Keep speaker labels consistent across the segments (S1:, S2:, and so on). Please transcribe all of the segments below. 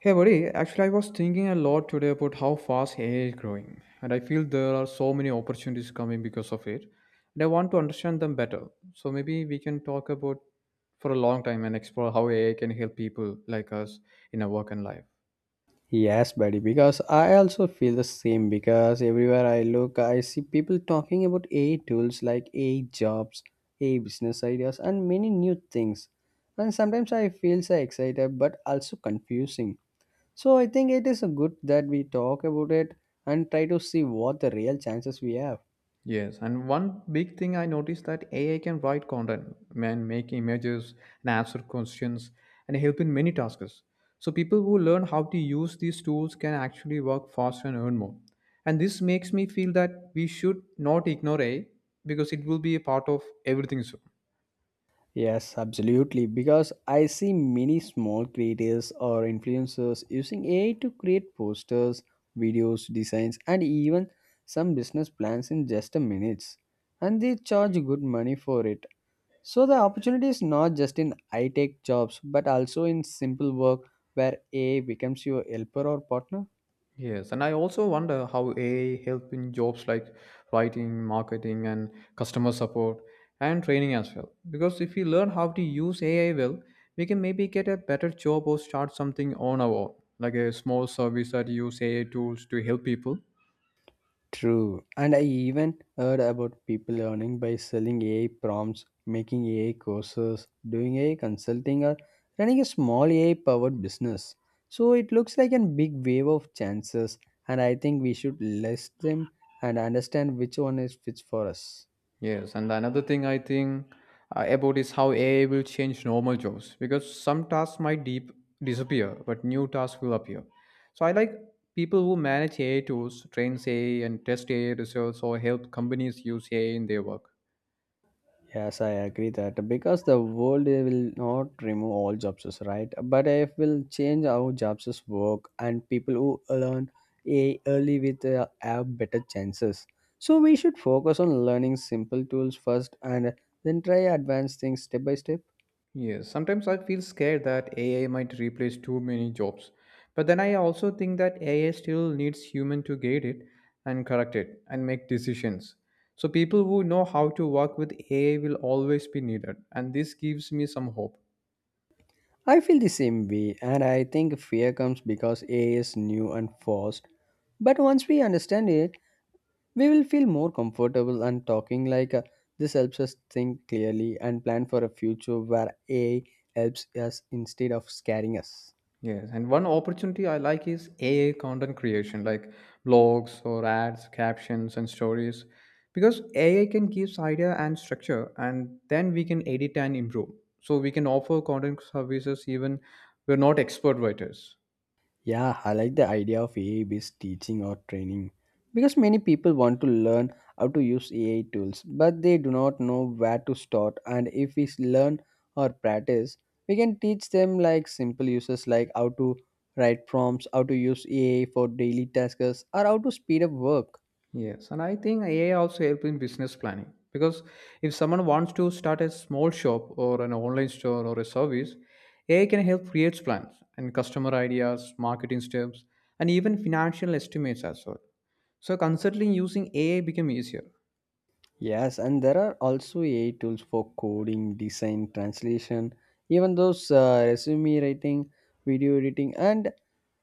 S1: Hey buddy, actually I was thinking a lot today about how fast AI is growing, and I feel there are so many opportunities coming because of it, and I want to understand them better. So maybe we can talk about for a long time and explore how AI can help people like us in our work and life.
S2: Yes, buddy, because I also feel the same because everywhere I look, I see people talking about AI tools like AI jobs, AI business ideas, and many new things. And sometimes I feel so excited but also confusing. So I think it is good that we talk about it and try to see what the real chances we have.
S1: Yes, and one big thing I noticed that AI can write content and make images and answer questions and help in many tasks. So people who learn how to use these tools can actually work faster and earn more. And this makes me feel that we should not ignore AI because it will be a part of everything soon.
S2: Yes, absolutely. Because I see many small creators or influencers using AI to create posters, videos, designs, and even some business plans in just a minutes. And they charge good money for it. So the opportunity is not just in high tech jobs, but also in simple work where AI becomes your helper or partner.
S1: Yes, and I also wonder how AI help in jobs like writing, marketing, and customer support and training as well. Because if we learn how to use AI well, we can maybe get a better job or start something on our own, like a small service that use AI tools to help people.
S2: True. And I even heard about people learning by selling AI prompts, making AI courses, doing AI consulting, or running a small AI powered business. So it looks like a big wave of chances, and I think we should list them and understand which one is fits for us.
S1: Yes, and another thing I think about is how AI will change normal jobs because some tasks might deep disappear, but new tasks will appear. So I like people who manage AI tools, train AI, and test AI results, or help companies use AI in their work.
S2: Yes, I agree that because the world will not remove all jobs, right? But it will change how jobs work, and people who learn AI early with have better chances. So we should focus on learning simple tools first, and then try advanced things step by step.
S1: Yes, sometimes I feel scared that AI might replace too many jobs. But then I also think that AI still needs human to guide it and correct it and make decisions. So people who know how to work with AI will always be needed, and this gives me some hope.
S2: I feel the same way, and I think fear comes because AI is new and fast. But once we understand it, we will feel more comfortable and talking like this helps us think clearly and plan for a future where AI helps us instead of scaring us.
S1: Yes, and one opportunity I like is AI content creation, like blogs or ads, captions, and stories, because AI can give idea and structure, and then we can edit and improve. So we can offer content services even we're not expert writers.
S2: Yeah, I like the idea of AI based teaching or training because many people want to learn how to use AI tools but they do not know where to start and if learn or practice we can teach them like simple uses like how to write prompts, how to use AI for daily tasks or how to speed up work.
S1: Yes, and I think AI also help in business planning because if someone wants to start a small shop or an online store or a service, AI can help create plans and customer ideas, marketing steps, and even financial estimates as well. So considering using AI became easier.
S2: Yes, and there are also AI tools for coding, design, translation, even those resume writing, video editing, and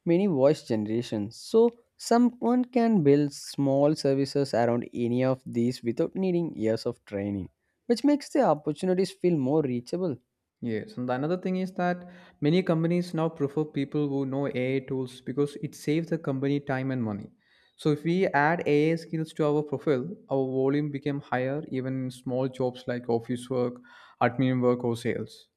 S2: many voice generations. So someone can build small services around any of these without needing years of training, which makes the opportunities feel more reachable.
S1: Yes, and another thing is that many companies now prefer people who know AI tools because it saves the company time and money. So if we add AI skills to our profile, our volume became higher even in small jobs like office work, admin work or sales.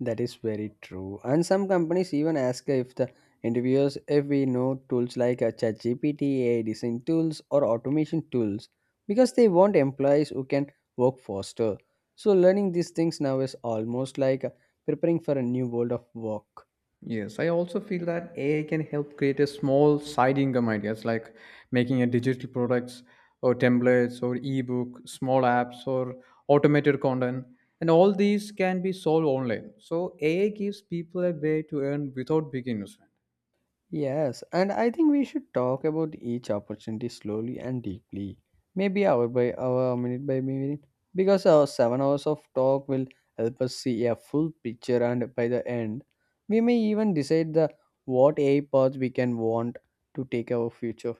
S2: That is very true. And some companies even ask if the interviewers if we know tools like a ChatGPT, AI design tools, or automation tools because they want employees who can work faster. So learning these things now is almost like preparing for a new world of work.
S1: Yes, I also feel that AI can help create a small side income ideas like making a digital products or templates or ebook, small apps or automated content. And all these can be sold online. So AI gives people a way to earn without big investment.
S2: Yes, and I think we should talk about each opportunity slowly and deeply, maybe hour by hour, minute by minute, because our 7 hours of talk will help us see a full picture, and by the end, we may even decide the what AI paths we can want to take our future.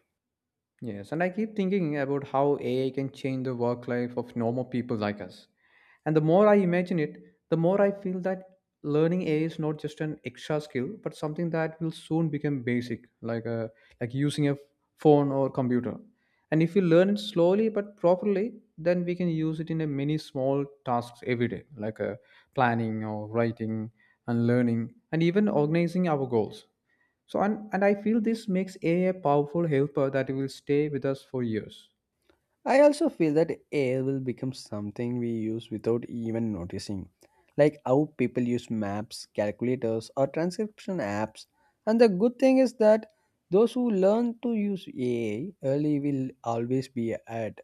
S1: Yes, and I keep thinking about how AI can change the work life of normal people like us. And the more I imagine it, the more I feel that learning AI is not just an extra skill, but something that will soon become basic, like a, like using a phone or computer. And if we learn it slowly but properly, then we can use it in a many small tasks every day, like planning or writing and learning, and even organizing our goals. So and I feel this makes AI a powerful helper that will stay with us for years.
S2: I also feel that AI will become something we use without even noticing, like how people use maps, calculators, or transcription apps. And the good thing is that those who learn to use AI early will always be ahead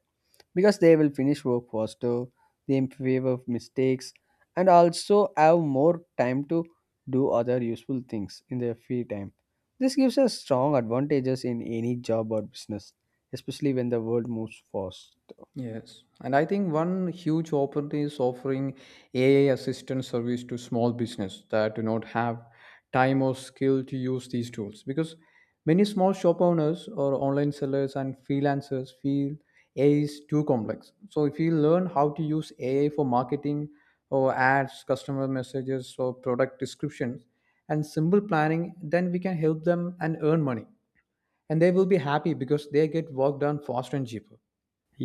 S2: because they will finish work faster, they improve of mistakes, and also have more time to do other useful things in their free time. This gives us strong advantages in any job or business, especially when the world moves fast.
S1: Yes, and I think one huge opportunity is offering AI assistant service to small business that do not have time or skill to use these tools because many small shop owners or online sellers and freelancers feel AI is too complex. So if you learn how to use AI for marketing or ads, customer messages or product descriptions and simple planning, then we can help them and earn money. And they will be happy because they get work done faster and cheaper.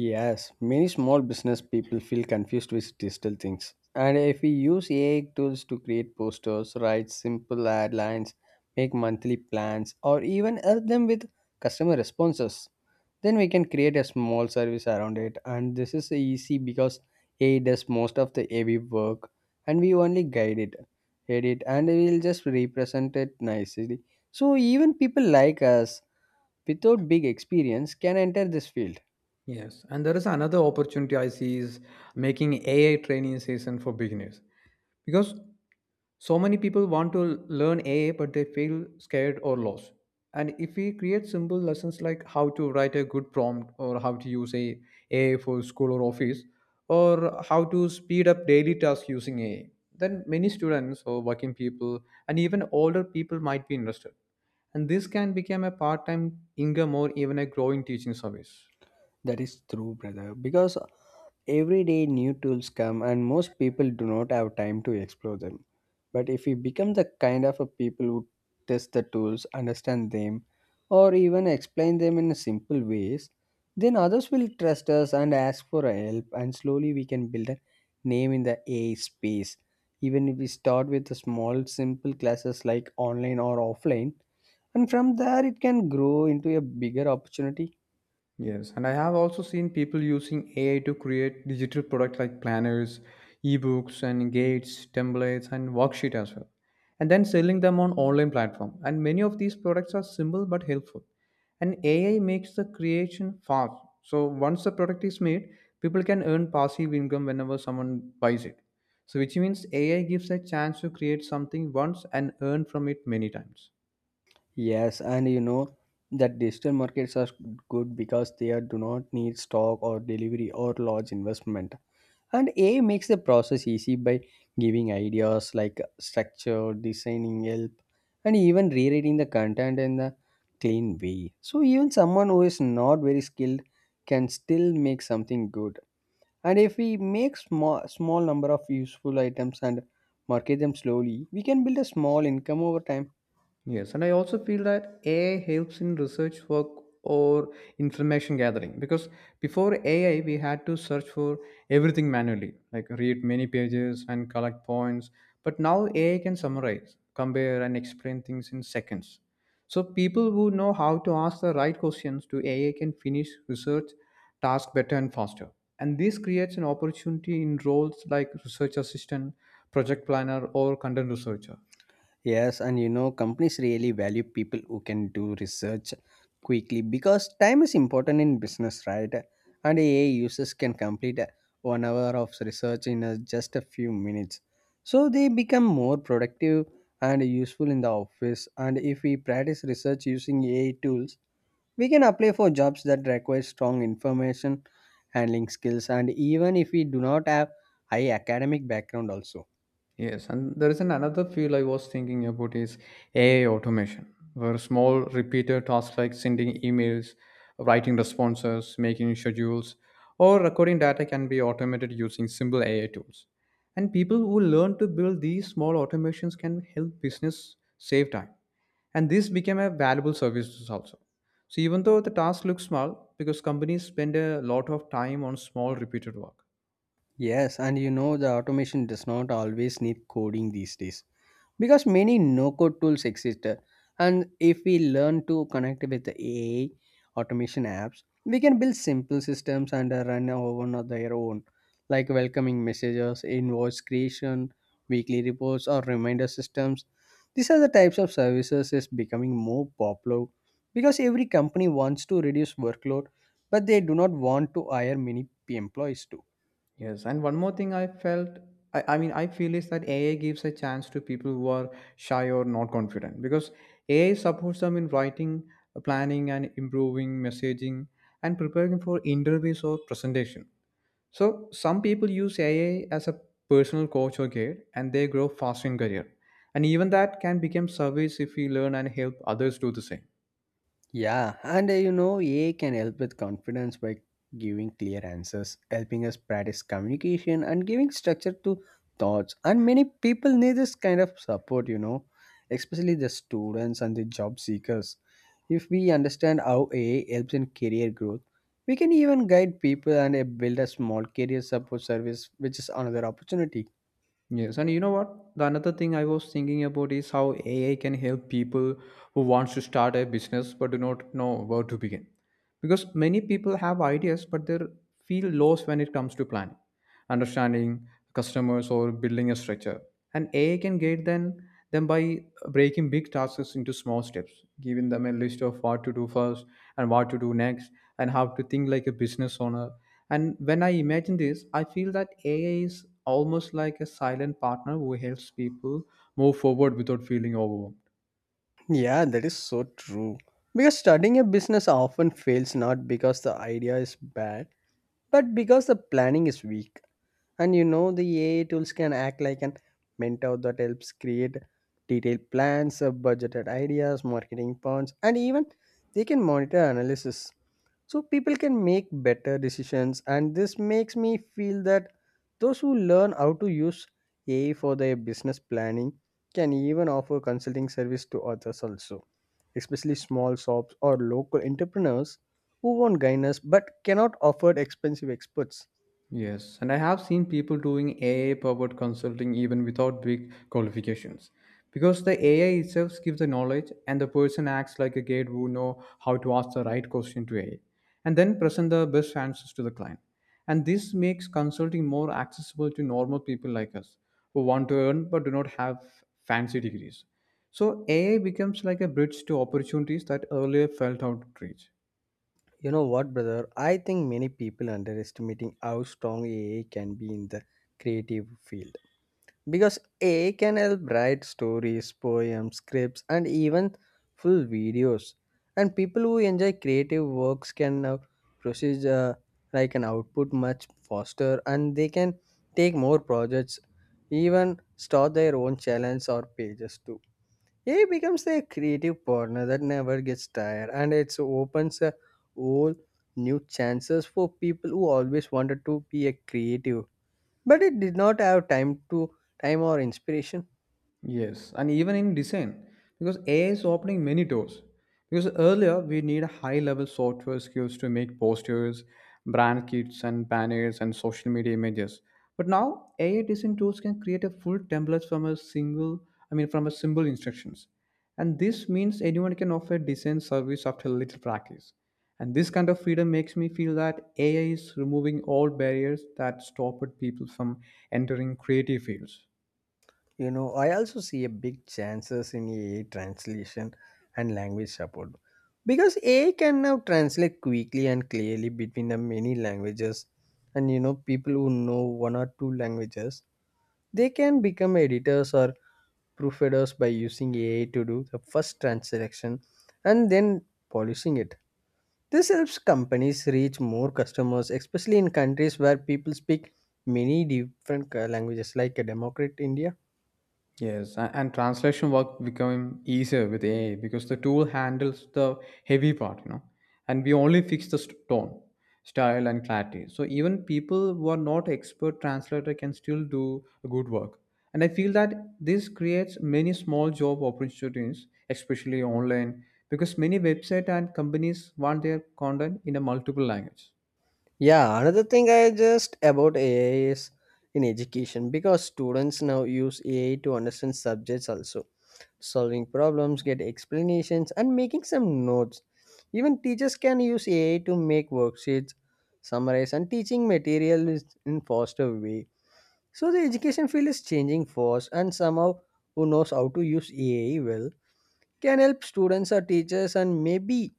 S2: Yes, many small business people feel confused with digital things. And if we use AI tools to create posters, write simple ad lines, make monthly plans, or even help them with customer responses, then we can create a small service around it and this is easy because AI does most of the heavy work and we only guide it edit and we'll just represent it nicely so even people like us without big experience can enter this field.
S1: Yes, and there is another opportunity I see is making AI training session for beginners because so many people want to learn AI but they feel scared or lost. And if we create simple lessons like how to write a good prompt or how to use a AI for school or office or how to speed up daily tasks using AI, then many students or working people and even older people might be interested. And this can become a part-time income or even a growing teaching service.
S2: That is true, brother. Because everyday new tools come and most people do not have time to explore them. But if we become the kind of a people who test the tools, understand them, or even explain them in simple ways, then others will trust us and ask for help, and slowly we can build a name in the AI space. Even if we start with the small, simple classes like online or offline, and from there it can grow into a bigger opportunity.
S1: Yes, and I have also seen people using AI to create digital products like planners, ebooks, and gates, templates, and worksheet as well, and then selling them on online platform. And many of these products are simple but helpful. And AI makes the creation fast. So once the product is made, people can earn passive income whenever someone buys it. So which means AI gives a chance to create something once and earn from it many times.
S2: Yes, and you know that digital markets are good because they are, do not need stock or delivery or large investment. And A I makes the process easy by giving ideas like structure, designing help, and even rewriting the content in the clean way. So even someone who is not very skilled can still make something good. And if we make small number of useful items and market them slowly, we can build a small income over time.
S1: Yes, and I also feel that AI helps in research work or information gathering because before AI, we had to search for everything manually, like read many pages and collect points. But now AI can summarize, compare, and explain things in seconds. So people who know how to ask the right questions to AI can finish research tasks better and faster. And this creates an opportunity in roles like research assistant, project planner, or content researcher.
S2: Yes, and you know, companies really value people who can do research quickly because time is important in business, right? And AI users can complete one hour of research in just a few minutes. So they become more productive and useful in the office. And if we practice research using AI tools, we can apply for jobs that require strong information handling skills. And even if we do not have high academic background, also.
S1: Yes, and there is an another field I was thinking about is AI automation, where small repeated tasks like sending emails, writing responses, making schedules, or recording data can be automated using simple AI tools. And people who learn to build these small automations can help business save time. And this became a valuable service also. So even though the task looks small, because companies spend a lot of time on small repeated work.
S2: Yes, and you know the automation does not always need coding these days because many no-code tools exist. And if we learn to connect with the AI automation apps, we can build simple systems and run our one of their own, like welcoming messages, invoice creation, weekly reports, or reminder systems. These are the types of services is becoming more popular because every company wants to reduce workload, but they do not want to hire many employees too.
S1: Yes, and one more thing I felt I mean I feel is that AI gives a chance to people who are shy or not confident because AI supports them in writing, planning and improving messaging and preparing for interviews or presentation. So some people use AI as a personal coach or guide and they grow faster in career. And even that can become service if we learn and help others do the same.
S2: Yeah, and you know, AI can help with confidence by giving clear answers, helping us practice communication, and giving structure to thoughts. And many people need this kind of support, you know, especially the students and the job seekers. If we understand how AI helps in career growth, we can even guide people and build a small career support service, which is another opportunity.
S1: Yes, and you know what? The another thing I was thinking about is how AI can help people who wants to start a business but do not know where to begin. Because many people have ideas but they feel lost when it comes to planning, understanding customers or building a structure, and AI can guide them by breaking big tasks into small steps, giving them a list of what to do first and what to do next and how to think like a business owner. And when I imagine this, I feel that AI is almost like a silent partner who helps people move forward without feeling overwhelmed.
S2: Yeah, that is so true. Because starting a business often fails not because the idea is bad but because the planning is weak, and you know the AI tools can act like an mentor that helps create detailed plans, budgeted ideas, marketing plans, and even they can monitor analysis. So people can make better decisions, and this makes me feel that those who learn how to use AI for their business planning can even offer consulting service to others also especially small shops or local entrepreneurs who want guidance but cannot afford expensive experts.
S1: Yes, and I have seen people doing AI powered consulting even without big qualifications. Because the AI itself gives the knowledge and the person acts like a guide who know how to ask the right question to AI and then present the best answers to the client. And this makes consulting more accessible to normal people like us who want to earn but do not have fancy degrees. So AI becomes like a bridge to opportunities that earlier felt out of reach.
S2: You know what, brother? I think many people underestimating how strong AI can be in the creative field because AI can help write stories, poems, scripts, and even full videos. And people who enjoy creative works can now process like an output much faster, and they can take more projects, even start their own channels or pages too. AI becomes a creative partner that never gets tired, and it opens a whole new chances for people who always wanted to be a creative but it did not have time or inspiration.
S1: Yes, and even in design, because AI is opening many doors. Because earlier we need high level software skills to make posters, brand kits, and banners and social media images. But now AI design tools can create a full template from a single, I mean, from a simple instructions. And this means anyone can offer design service after little practice. And this kind of freedom makes me feel that AI is removing all barriers that stopped people from entering creative fields.
S2: You know, I also see a big chances in AI translation and language support because AI can now translate quickly and clearly between the many languages, and you know people who know one or two languages they can become editors or proofreaders by using AI to do the first translation and then polishing it. This helps companies reach more customers, especially in countries where people speak many different languages, like a democrat India.
S1: Yes, and translation work becoming easier with AI because the tool handles the heavy part, you know, and we only fix the tone, style, and clarity. So even people who are not expert translator can still do a good work. And I feel that this creates many small job opportunities, especially online, because many websites and companies want their content in a multiple language.
S2: Yeah, another thing I just about AI is in education because students now use AI to understand subjects also, solving problems, get explanations, and making some notes. Even teachers can use AI to make worksheets, summarize, and teaching material is in faster way. So the education field is changing fast, and somehow who knows how to use AI well can help students or teachers and maybe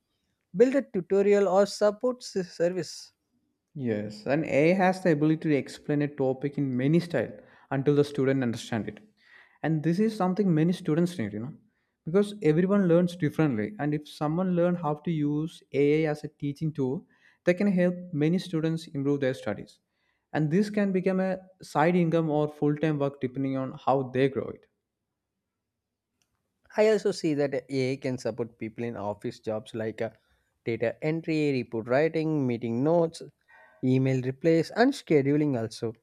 S2: build a tutorial or service.
S1: Yes, and AI has the ability to explain a topic in many style until the student understand it. And this is something many students need, you know, because everyone learns differently. And if someone learn how to use AI as a teaching tool, they can help many students improve their studies. And this can become a side income or full-time work depending on how they grow it.
S2: I also see that AI can support people in office jobs like data entry, report writing, meeting notes, email replies, and scheduling also.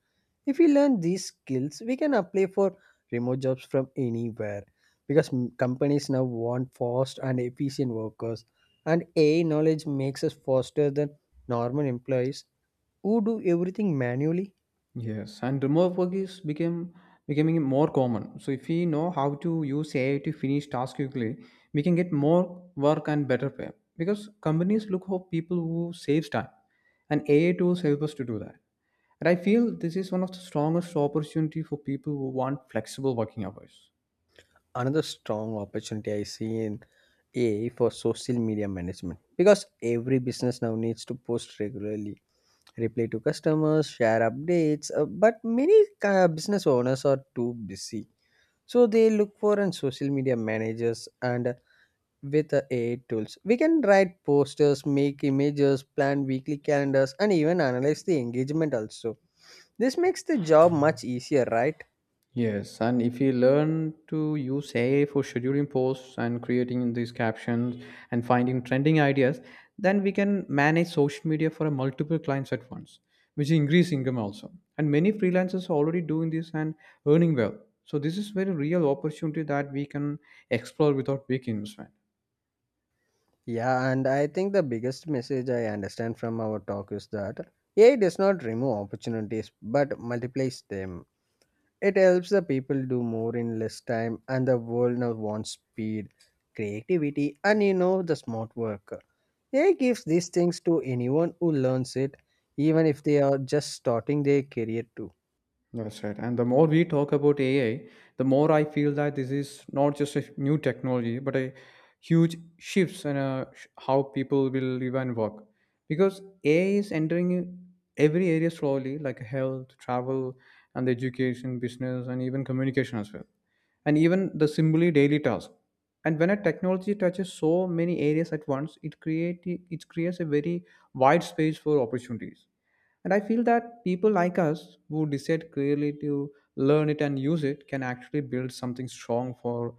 S2: If we learn these skills, we can apply for remote jobs from anywhere because companies now want fast and efficient workers, and AI knowledge makes us faster than normal employees who do everything manually.
S1: Yes, and remote work is became becoming more common. So if we know how to use AI to finish tasks quickly, we can get more work and better pay. Because companies look for people who saves time, and AI tools help us to do that. And I feel this is one of the strongest opportunity for people who want flexible working hours.
S2: Another strong opportunity I see in AI for social media management because every business now needs to post regularly, reply to customers, share updates. But many business owners are too busy, so they look for an social media managers and with the AI tools, we can write posters, make images, plan weekly calendars, and even analyze the engagement. Also, this makes the job much easier, right?
S1: Yes, and if you learn to use AI for scheduling posts and creating these captions and finding trending ideas, then we can manage social media for multiple clients at once, which increase income also. And many freelancers are already doing this and earning well. So this is very real opportunity that we can explore without big investment.
S2: Yeah, and I think the biggest message I understand from our talk is that AI does not remove opportunities but multiplies them. It helps the people do more in less time, and the world now wants speed, creativity, and the smart work. AI gives these things to anyone who learns it, even if they are just starting their career too.
S1: That's right. And the more we talk about AI, the more I feel that this is not just a new technology, but a huge shifts in how people will live and work. Because AI is entering every area slowly, like health, travel, and education, business, and even communication as well, and even the simply daily task. And when a technology touches so many areas at once, it creates a very wide space for opportunities and I feel that people like us who decide clearly to learn it and use it can actually build something strong for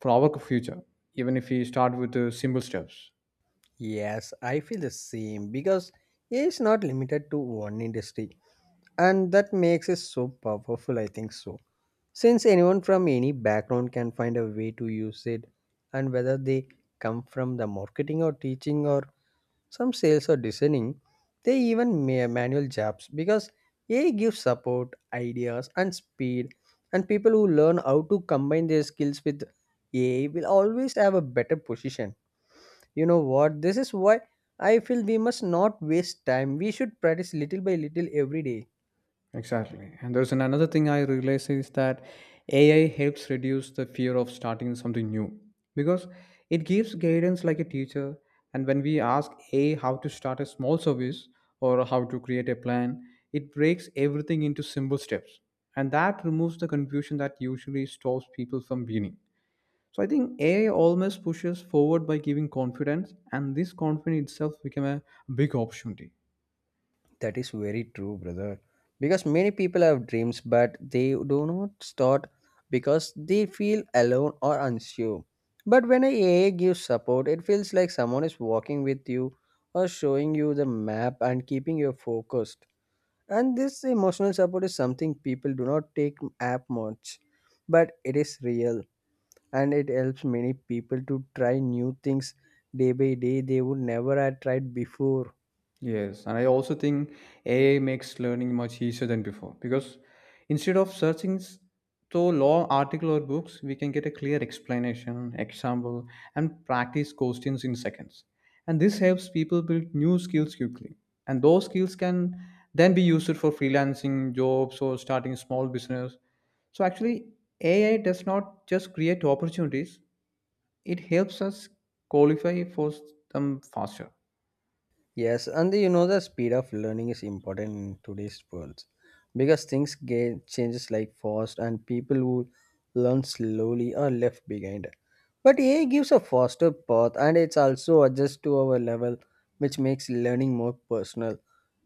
S1: for our future, even if we start with the simple steps.
S2: Yes, I feel the same because AI is not limited to one industry, and that makes it so powerful, I think so. Since anyone from any background can find a way to use it, and whether they come from the marketing or teaching or some sales or designing, they even manual jobs because AI gives support, ideas, and speed. And people who learn how to combine their skills with AI will always have a better position. You know what? This is why I feel we must not waste time. We should practice little by little every day.
S1: Exactly. And another thing I realize is that AI helps reduce the fear of starting something new because it gives guidance like a teacher. And when we ask AI how to start a small service or how to create a plan, it breaks everything into simple steps. And that removes the confusion that usually stops people from beginning. So I think AI almost pushes forward by giving confidence, and this confidence itself become a big opportunity.
S2: That is very true, brother. Because many people have dreams, but they do not start because they feel alone or unsure. But when a AA gives support, it feels like someone is walking with you or showing you the map and keeping you focused. And this emotional support is something people do not take up much, but it is real and it helps many people to try new things day by day they would never have tried before.
S1: Yes, and I also think AI makes learning much easier than before because instead of through long article or books, we can get a clear explanation, example, and practice questions in seconds. And this helps people build new skills quickly. And those skills can then be used for freelancing jobs or starting small business. So actually, AI does not just create opportunities; it helps us qualify for s- them faster.
S2: Yes, and the, you know the speed of learning is important in today's world because things get changes like fast and people who learn slowly are left behind. But AI gives a faster path and it's also adjusts to our level, which makes learning more personal.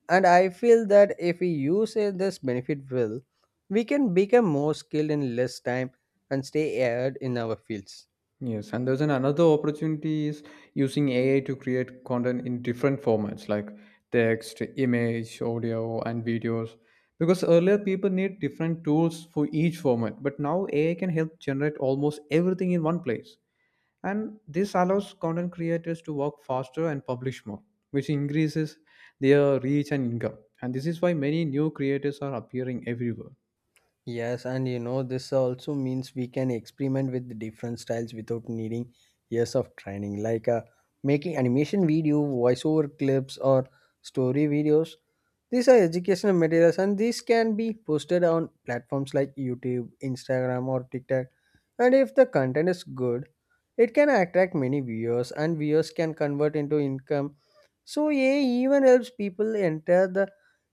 S2: And I feel that if we use this benefit well, we can become more skilled in less time and stay ahead in our fields.
S1: Yes, and there's an another opportunity is using AI to create content in different formats like text, image, audio, and videos. Because earlier people need different tools for each format, but now AI can help generate almost everything in one place. And this allows content creators to work faster and publish more, which increases their reach and income. And this is why many new creators are appearing everywhere.
S2: Yes, this also means we can experiment with different styles without needing years of training, like making animation video, voiceover clips, or story videos. These are educational materials, and these can be posted on platforms like YouTube, Instagram, or TikTok. And if the content is good, it can attract many viewers, and viewers can convert into income. So, AI even helps people enter the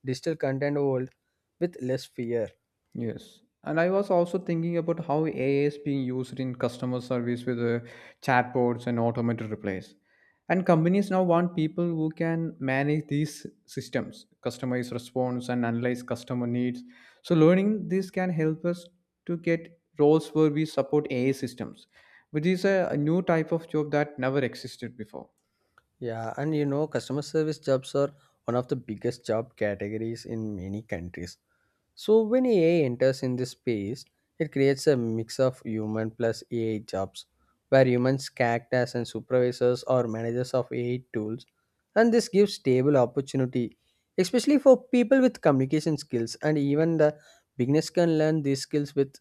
S2: digital content world with less fear.
S1: Yes. And I was also thinking about how AI is being used in customer service with chatbots and automated replies. And companies now want people who can manage these systems, customize response, and analyze customer needs. So, learning this can help us to get roles where we support AI systems, which is a new type of job that never existed before.
S2: Yeah, customer service jobs are one of the biggest job categories in many countries. So when AI enters in this space, it creates a mix of human plus AI jobs, where humans act as and supervisors or managers of AI tools, and this gives stable opportunity, especially for people with communication skills, and even the beginners can learn these skills with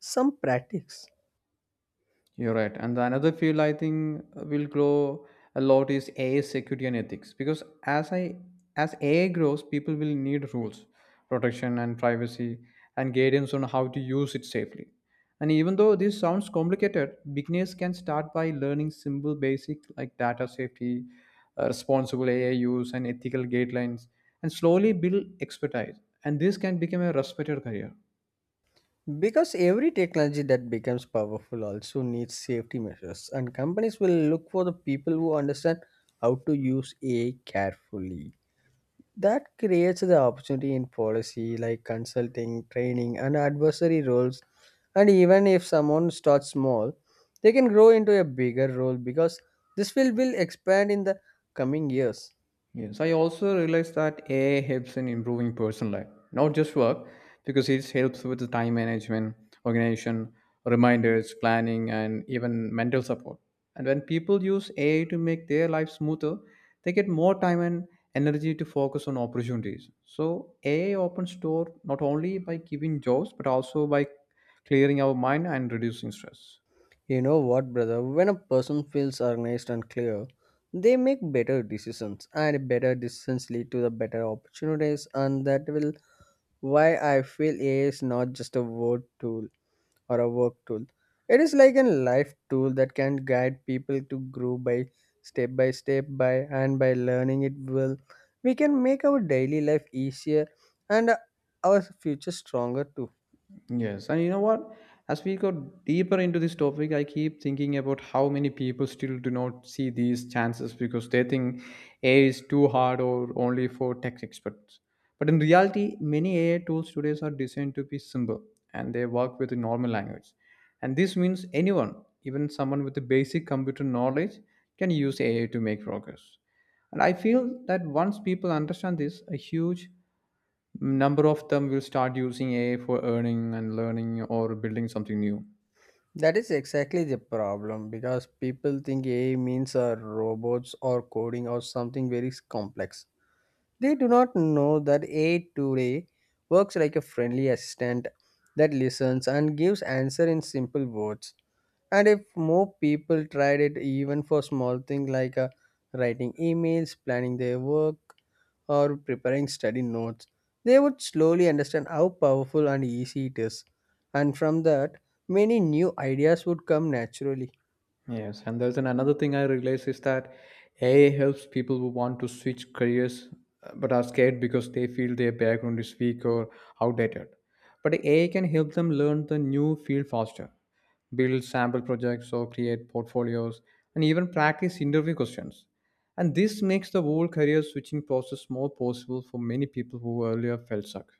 S2: some practice.
S1: You're right. And the another field I think will grow a lot is AI security and ethics. Because as I as AI grows, people will need rules, protection and privacy and guidance on how to use it safely. And even though this sounds complicated, beginners can start by learning simple basic like data safety, responsible AI use and ethical guidelines and slowly build expertise. And this can become a respected career.
S2: Because every technology that becomes powerful also needs safety measures, and companies will look for the people who understand how to use AI carefully. That creates the opportunity in policy like consulting, training, and advisory roles. And even if someone starts small, they can grow into a bigger role because this will expand in the coming years.
S1: Yes, I also realized that AI helps in improving personal life, not just work, because it helps with the time management, organization, reminders, planning, and even mental support. And when people use AI to make their life smoother, they get more time and energy to focus on opportunities. So AI opens door not only by giving jobs, but also by clearing our mind and reducing stress.
S2: You know what, brother? When a person feels organized and clear, they make better decisions, and better decisions lead to the better opportunities, and that will why I feel AI is not just a word tool or a work tool. It is like a life tool that can guide people to grow by step by step by and by learning it will. We can make our daily life easier and our future stronger too.
S1: Yes, and you know what? As we go deeper into this topic, I keep thinking about how many people still do not see these chances because they think AI is too hard or only for tech experts. But in reality, many AI tools today are designed to be simple and they work with a normal language. And this means anyone, even someone with the basic computer knowledge, can use AI to make progress. And I feel that once people understand this, a huge number of them will start using AI for earning and learning or building something new.
S2: That is exactly the problem because people think AI means robots or coding or something very complex. They do not know that AI today works like a friendly assistant that listens and gives answer in simple words. And if more people tried it even for small things like writing emails, planning their work, or preparing study notes, they would slowly understand how powerful and easy it is. And from that, many new ideas would come naturally.
S1: Yes, and there's an another thing I realize is that AI helps people who want to switch careers but are scared because they feel their background is weak or outdated. But AI can help them learn the new field faster, build sample projects or create portfolios, and even practice interview questions. And this makes the whole career switching process more possible for many people who earlier felt stuck.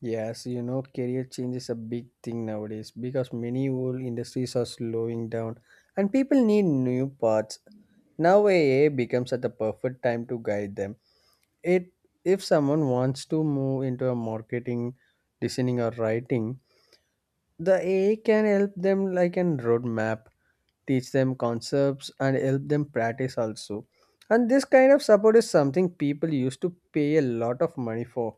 S2: Yes, career change is a big thing nowadays because many old industries are slowing down and people need new paths. Now AI becomes at the perfect time to guide them. It if someone wants to move into a marketing, designing or writing, the AI can help them like in roadmap, teach them concepts and help them practice also. And this kind of support is something people used to pay a lot of money for.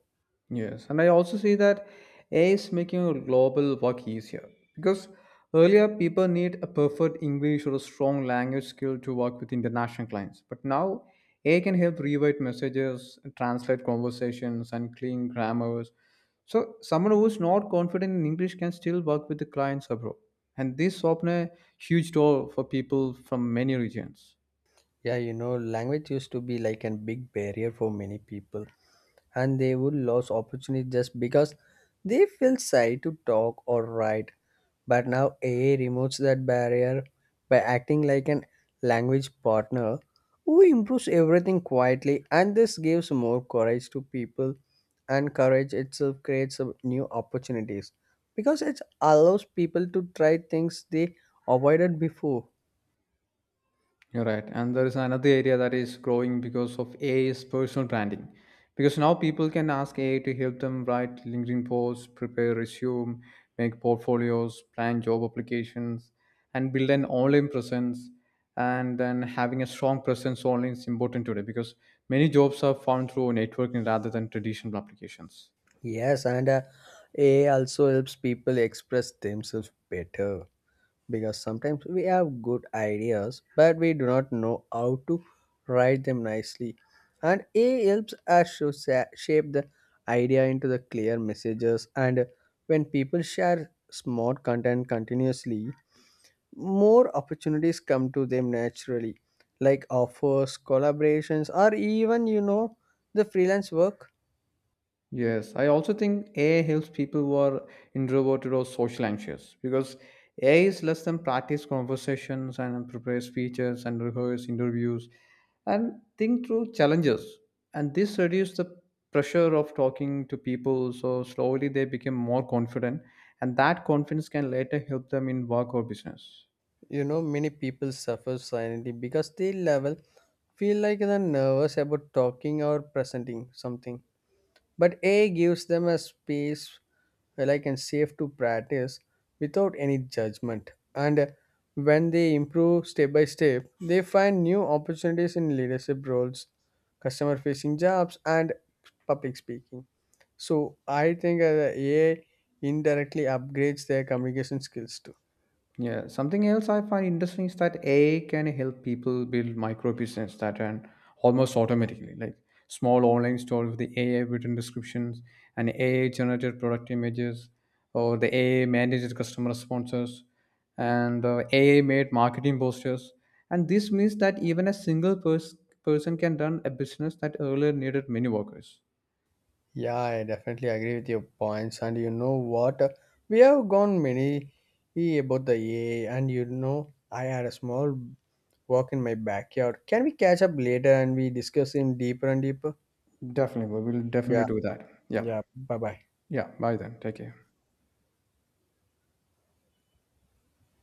S1: Yes, and I also see that AI is making global work easier because earlier people need a perfect English or a strong language skill to work with international clients. But now AI can help rewrite messages, translate conversations, and clean grammars. So someone who is not confident in English can still work with the clients abroad. And this open a huge door for people from many regions.
S2: Yeah, language used to be like a big barrier for many people and they would lose opportunity just because they feel shy to talk or write. But now AI removes that barrier by acting like an language partner who improves everything quietly, and this gives more courage to people, and courage itself creates some new opportunities because it allows people to try things they avoided before.
S1: You're right. And there is another area that is growing because of AI is personal branding. Because now people can ask AI to help them write LinkedIn posts, prepare resume, make portfolios, plan job applications, and build an online presence. And then having a strong presence online is important today because many jobs are found through networking rather than traditional applications.
S2: Yes, and AI also helps people express themselves better because sometimes we have good ideas but we do not know how to write them nicely and AI helps us to shape the idea into the clear messages and when people share smart content continuously more opportunities come to them naturally like offers collaborations or even the freelance work.
S1: Yes, I also think AI helps people who are introverted or social anxious because AI is less than practice conversations and prepare speeches and rehearse interviews and think through challenges. And this reduces the pressure of talking to people. So slowly they become more confident, and that confidence can later help them in work or business.
S2: You know many people suffer silently because they level feel like they're nervous about talking or presenting something. But AI gives them a space where I can safe to practice without any judgment. And when they improve step by step, they find new opportunities in leadership roles, customer facing jobs, and public speaking. So I think the AI indirectly upgrades their communication skills too.
S1: Yeah, something else I find interesting is that AI can help people build micro business that and almost automatically, like small online store with the AI written descriptions and AI generated product images, or the AI managed customer responses, and AI made marketing posters. And this means that even a person can run a business that earlier needed many workers.
S2: Yeah, I definitely agree with your points. And you know what? We have gone many about the AI, and I had a small walk in my backyard. Can we catch up later and we discuss him deeper and deeper?
S1: Definitely, we will definitely
S2: Yeah,
S1: do that. Yeah,
S2: yeah. Bye bye.
S1: yeah. Bye then. Take care.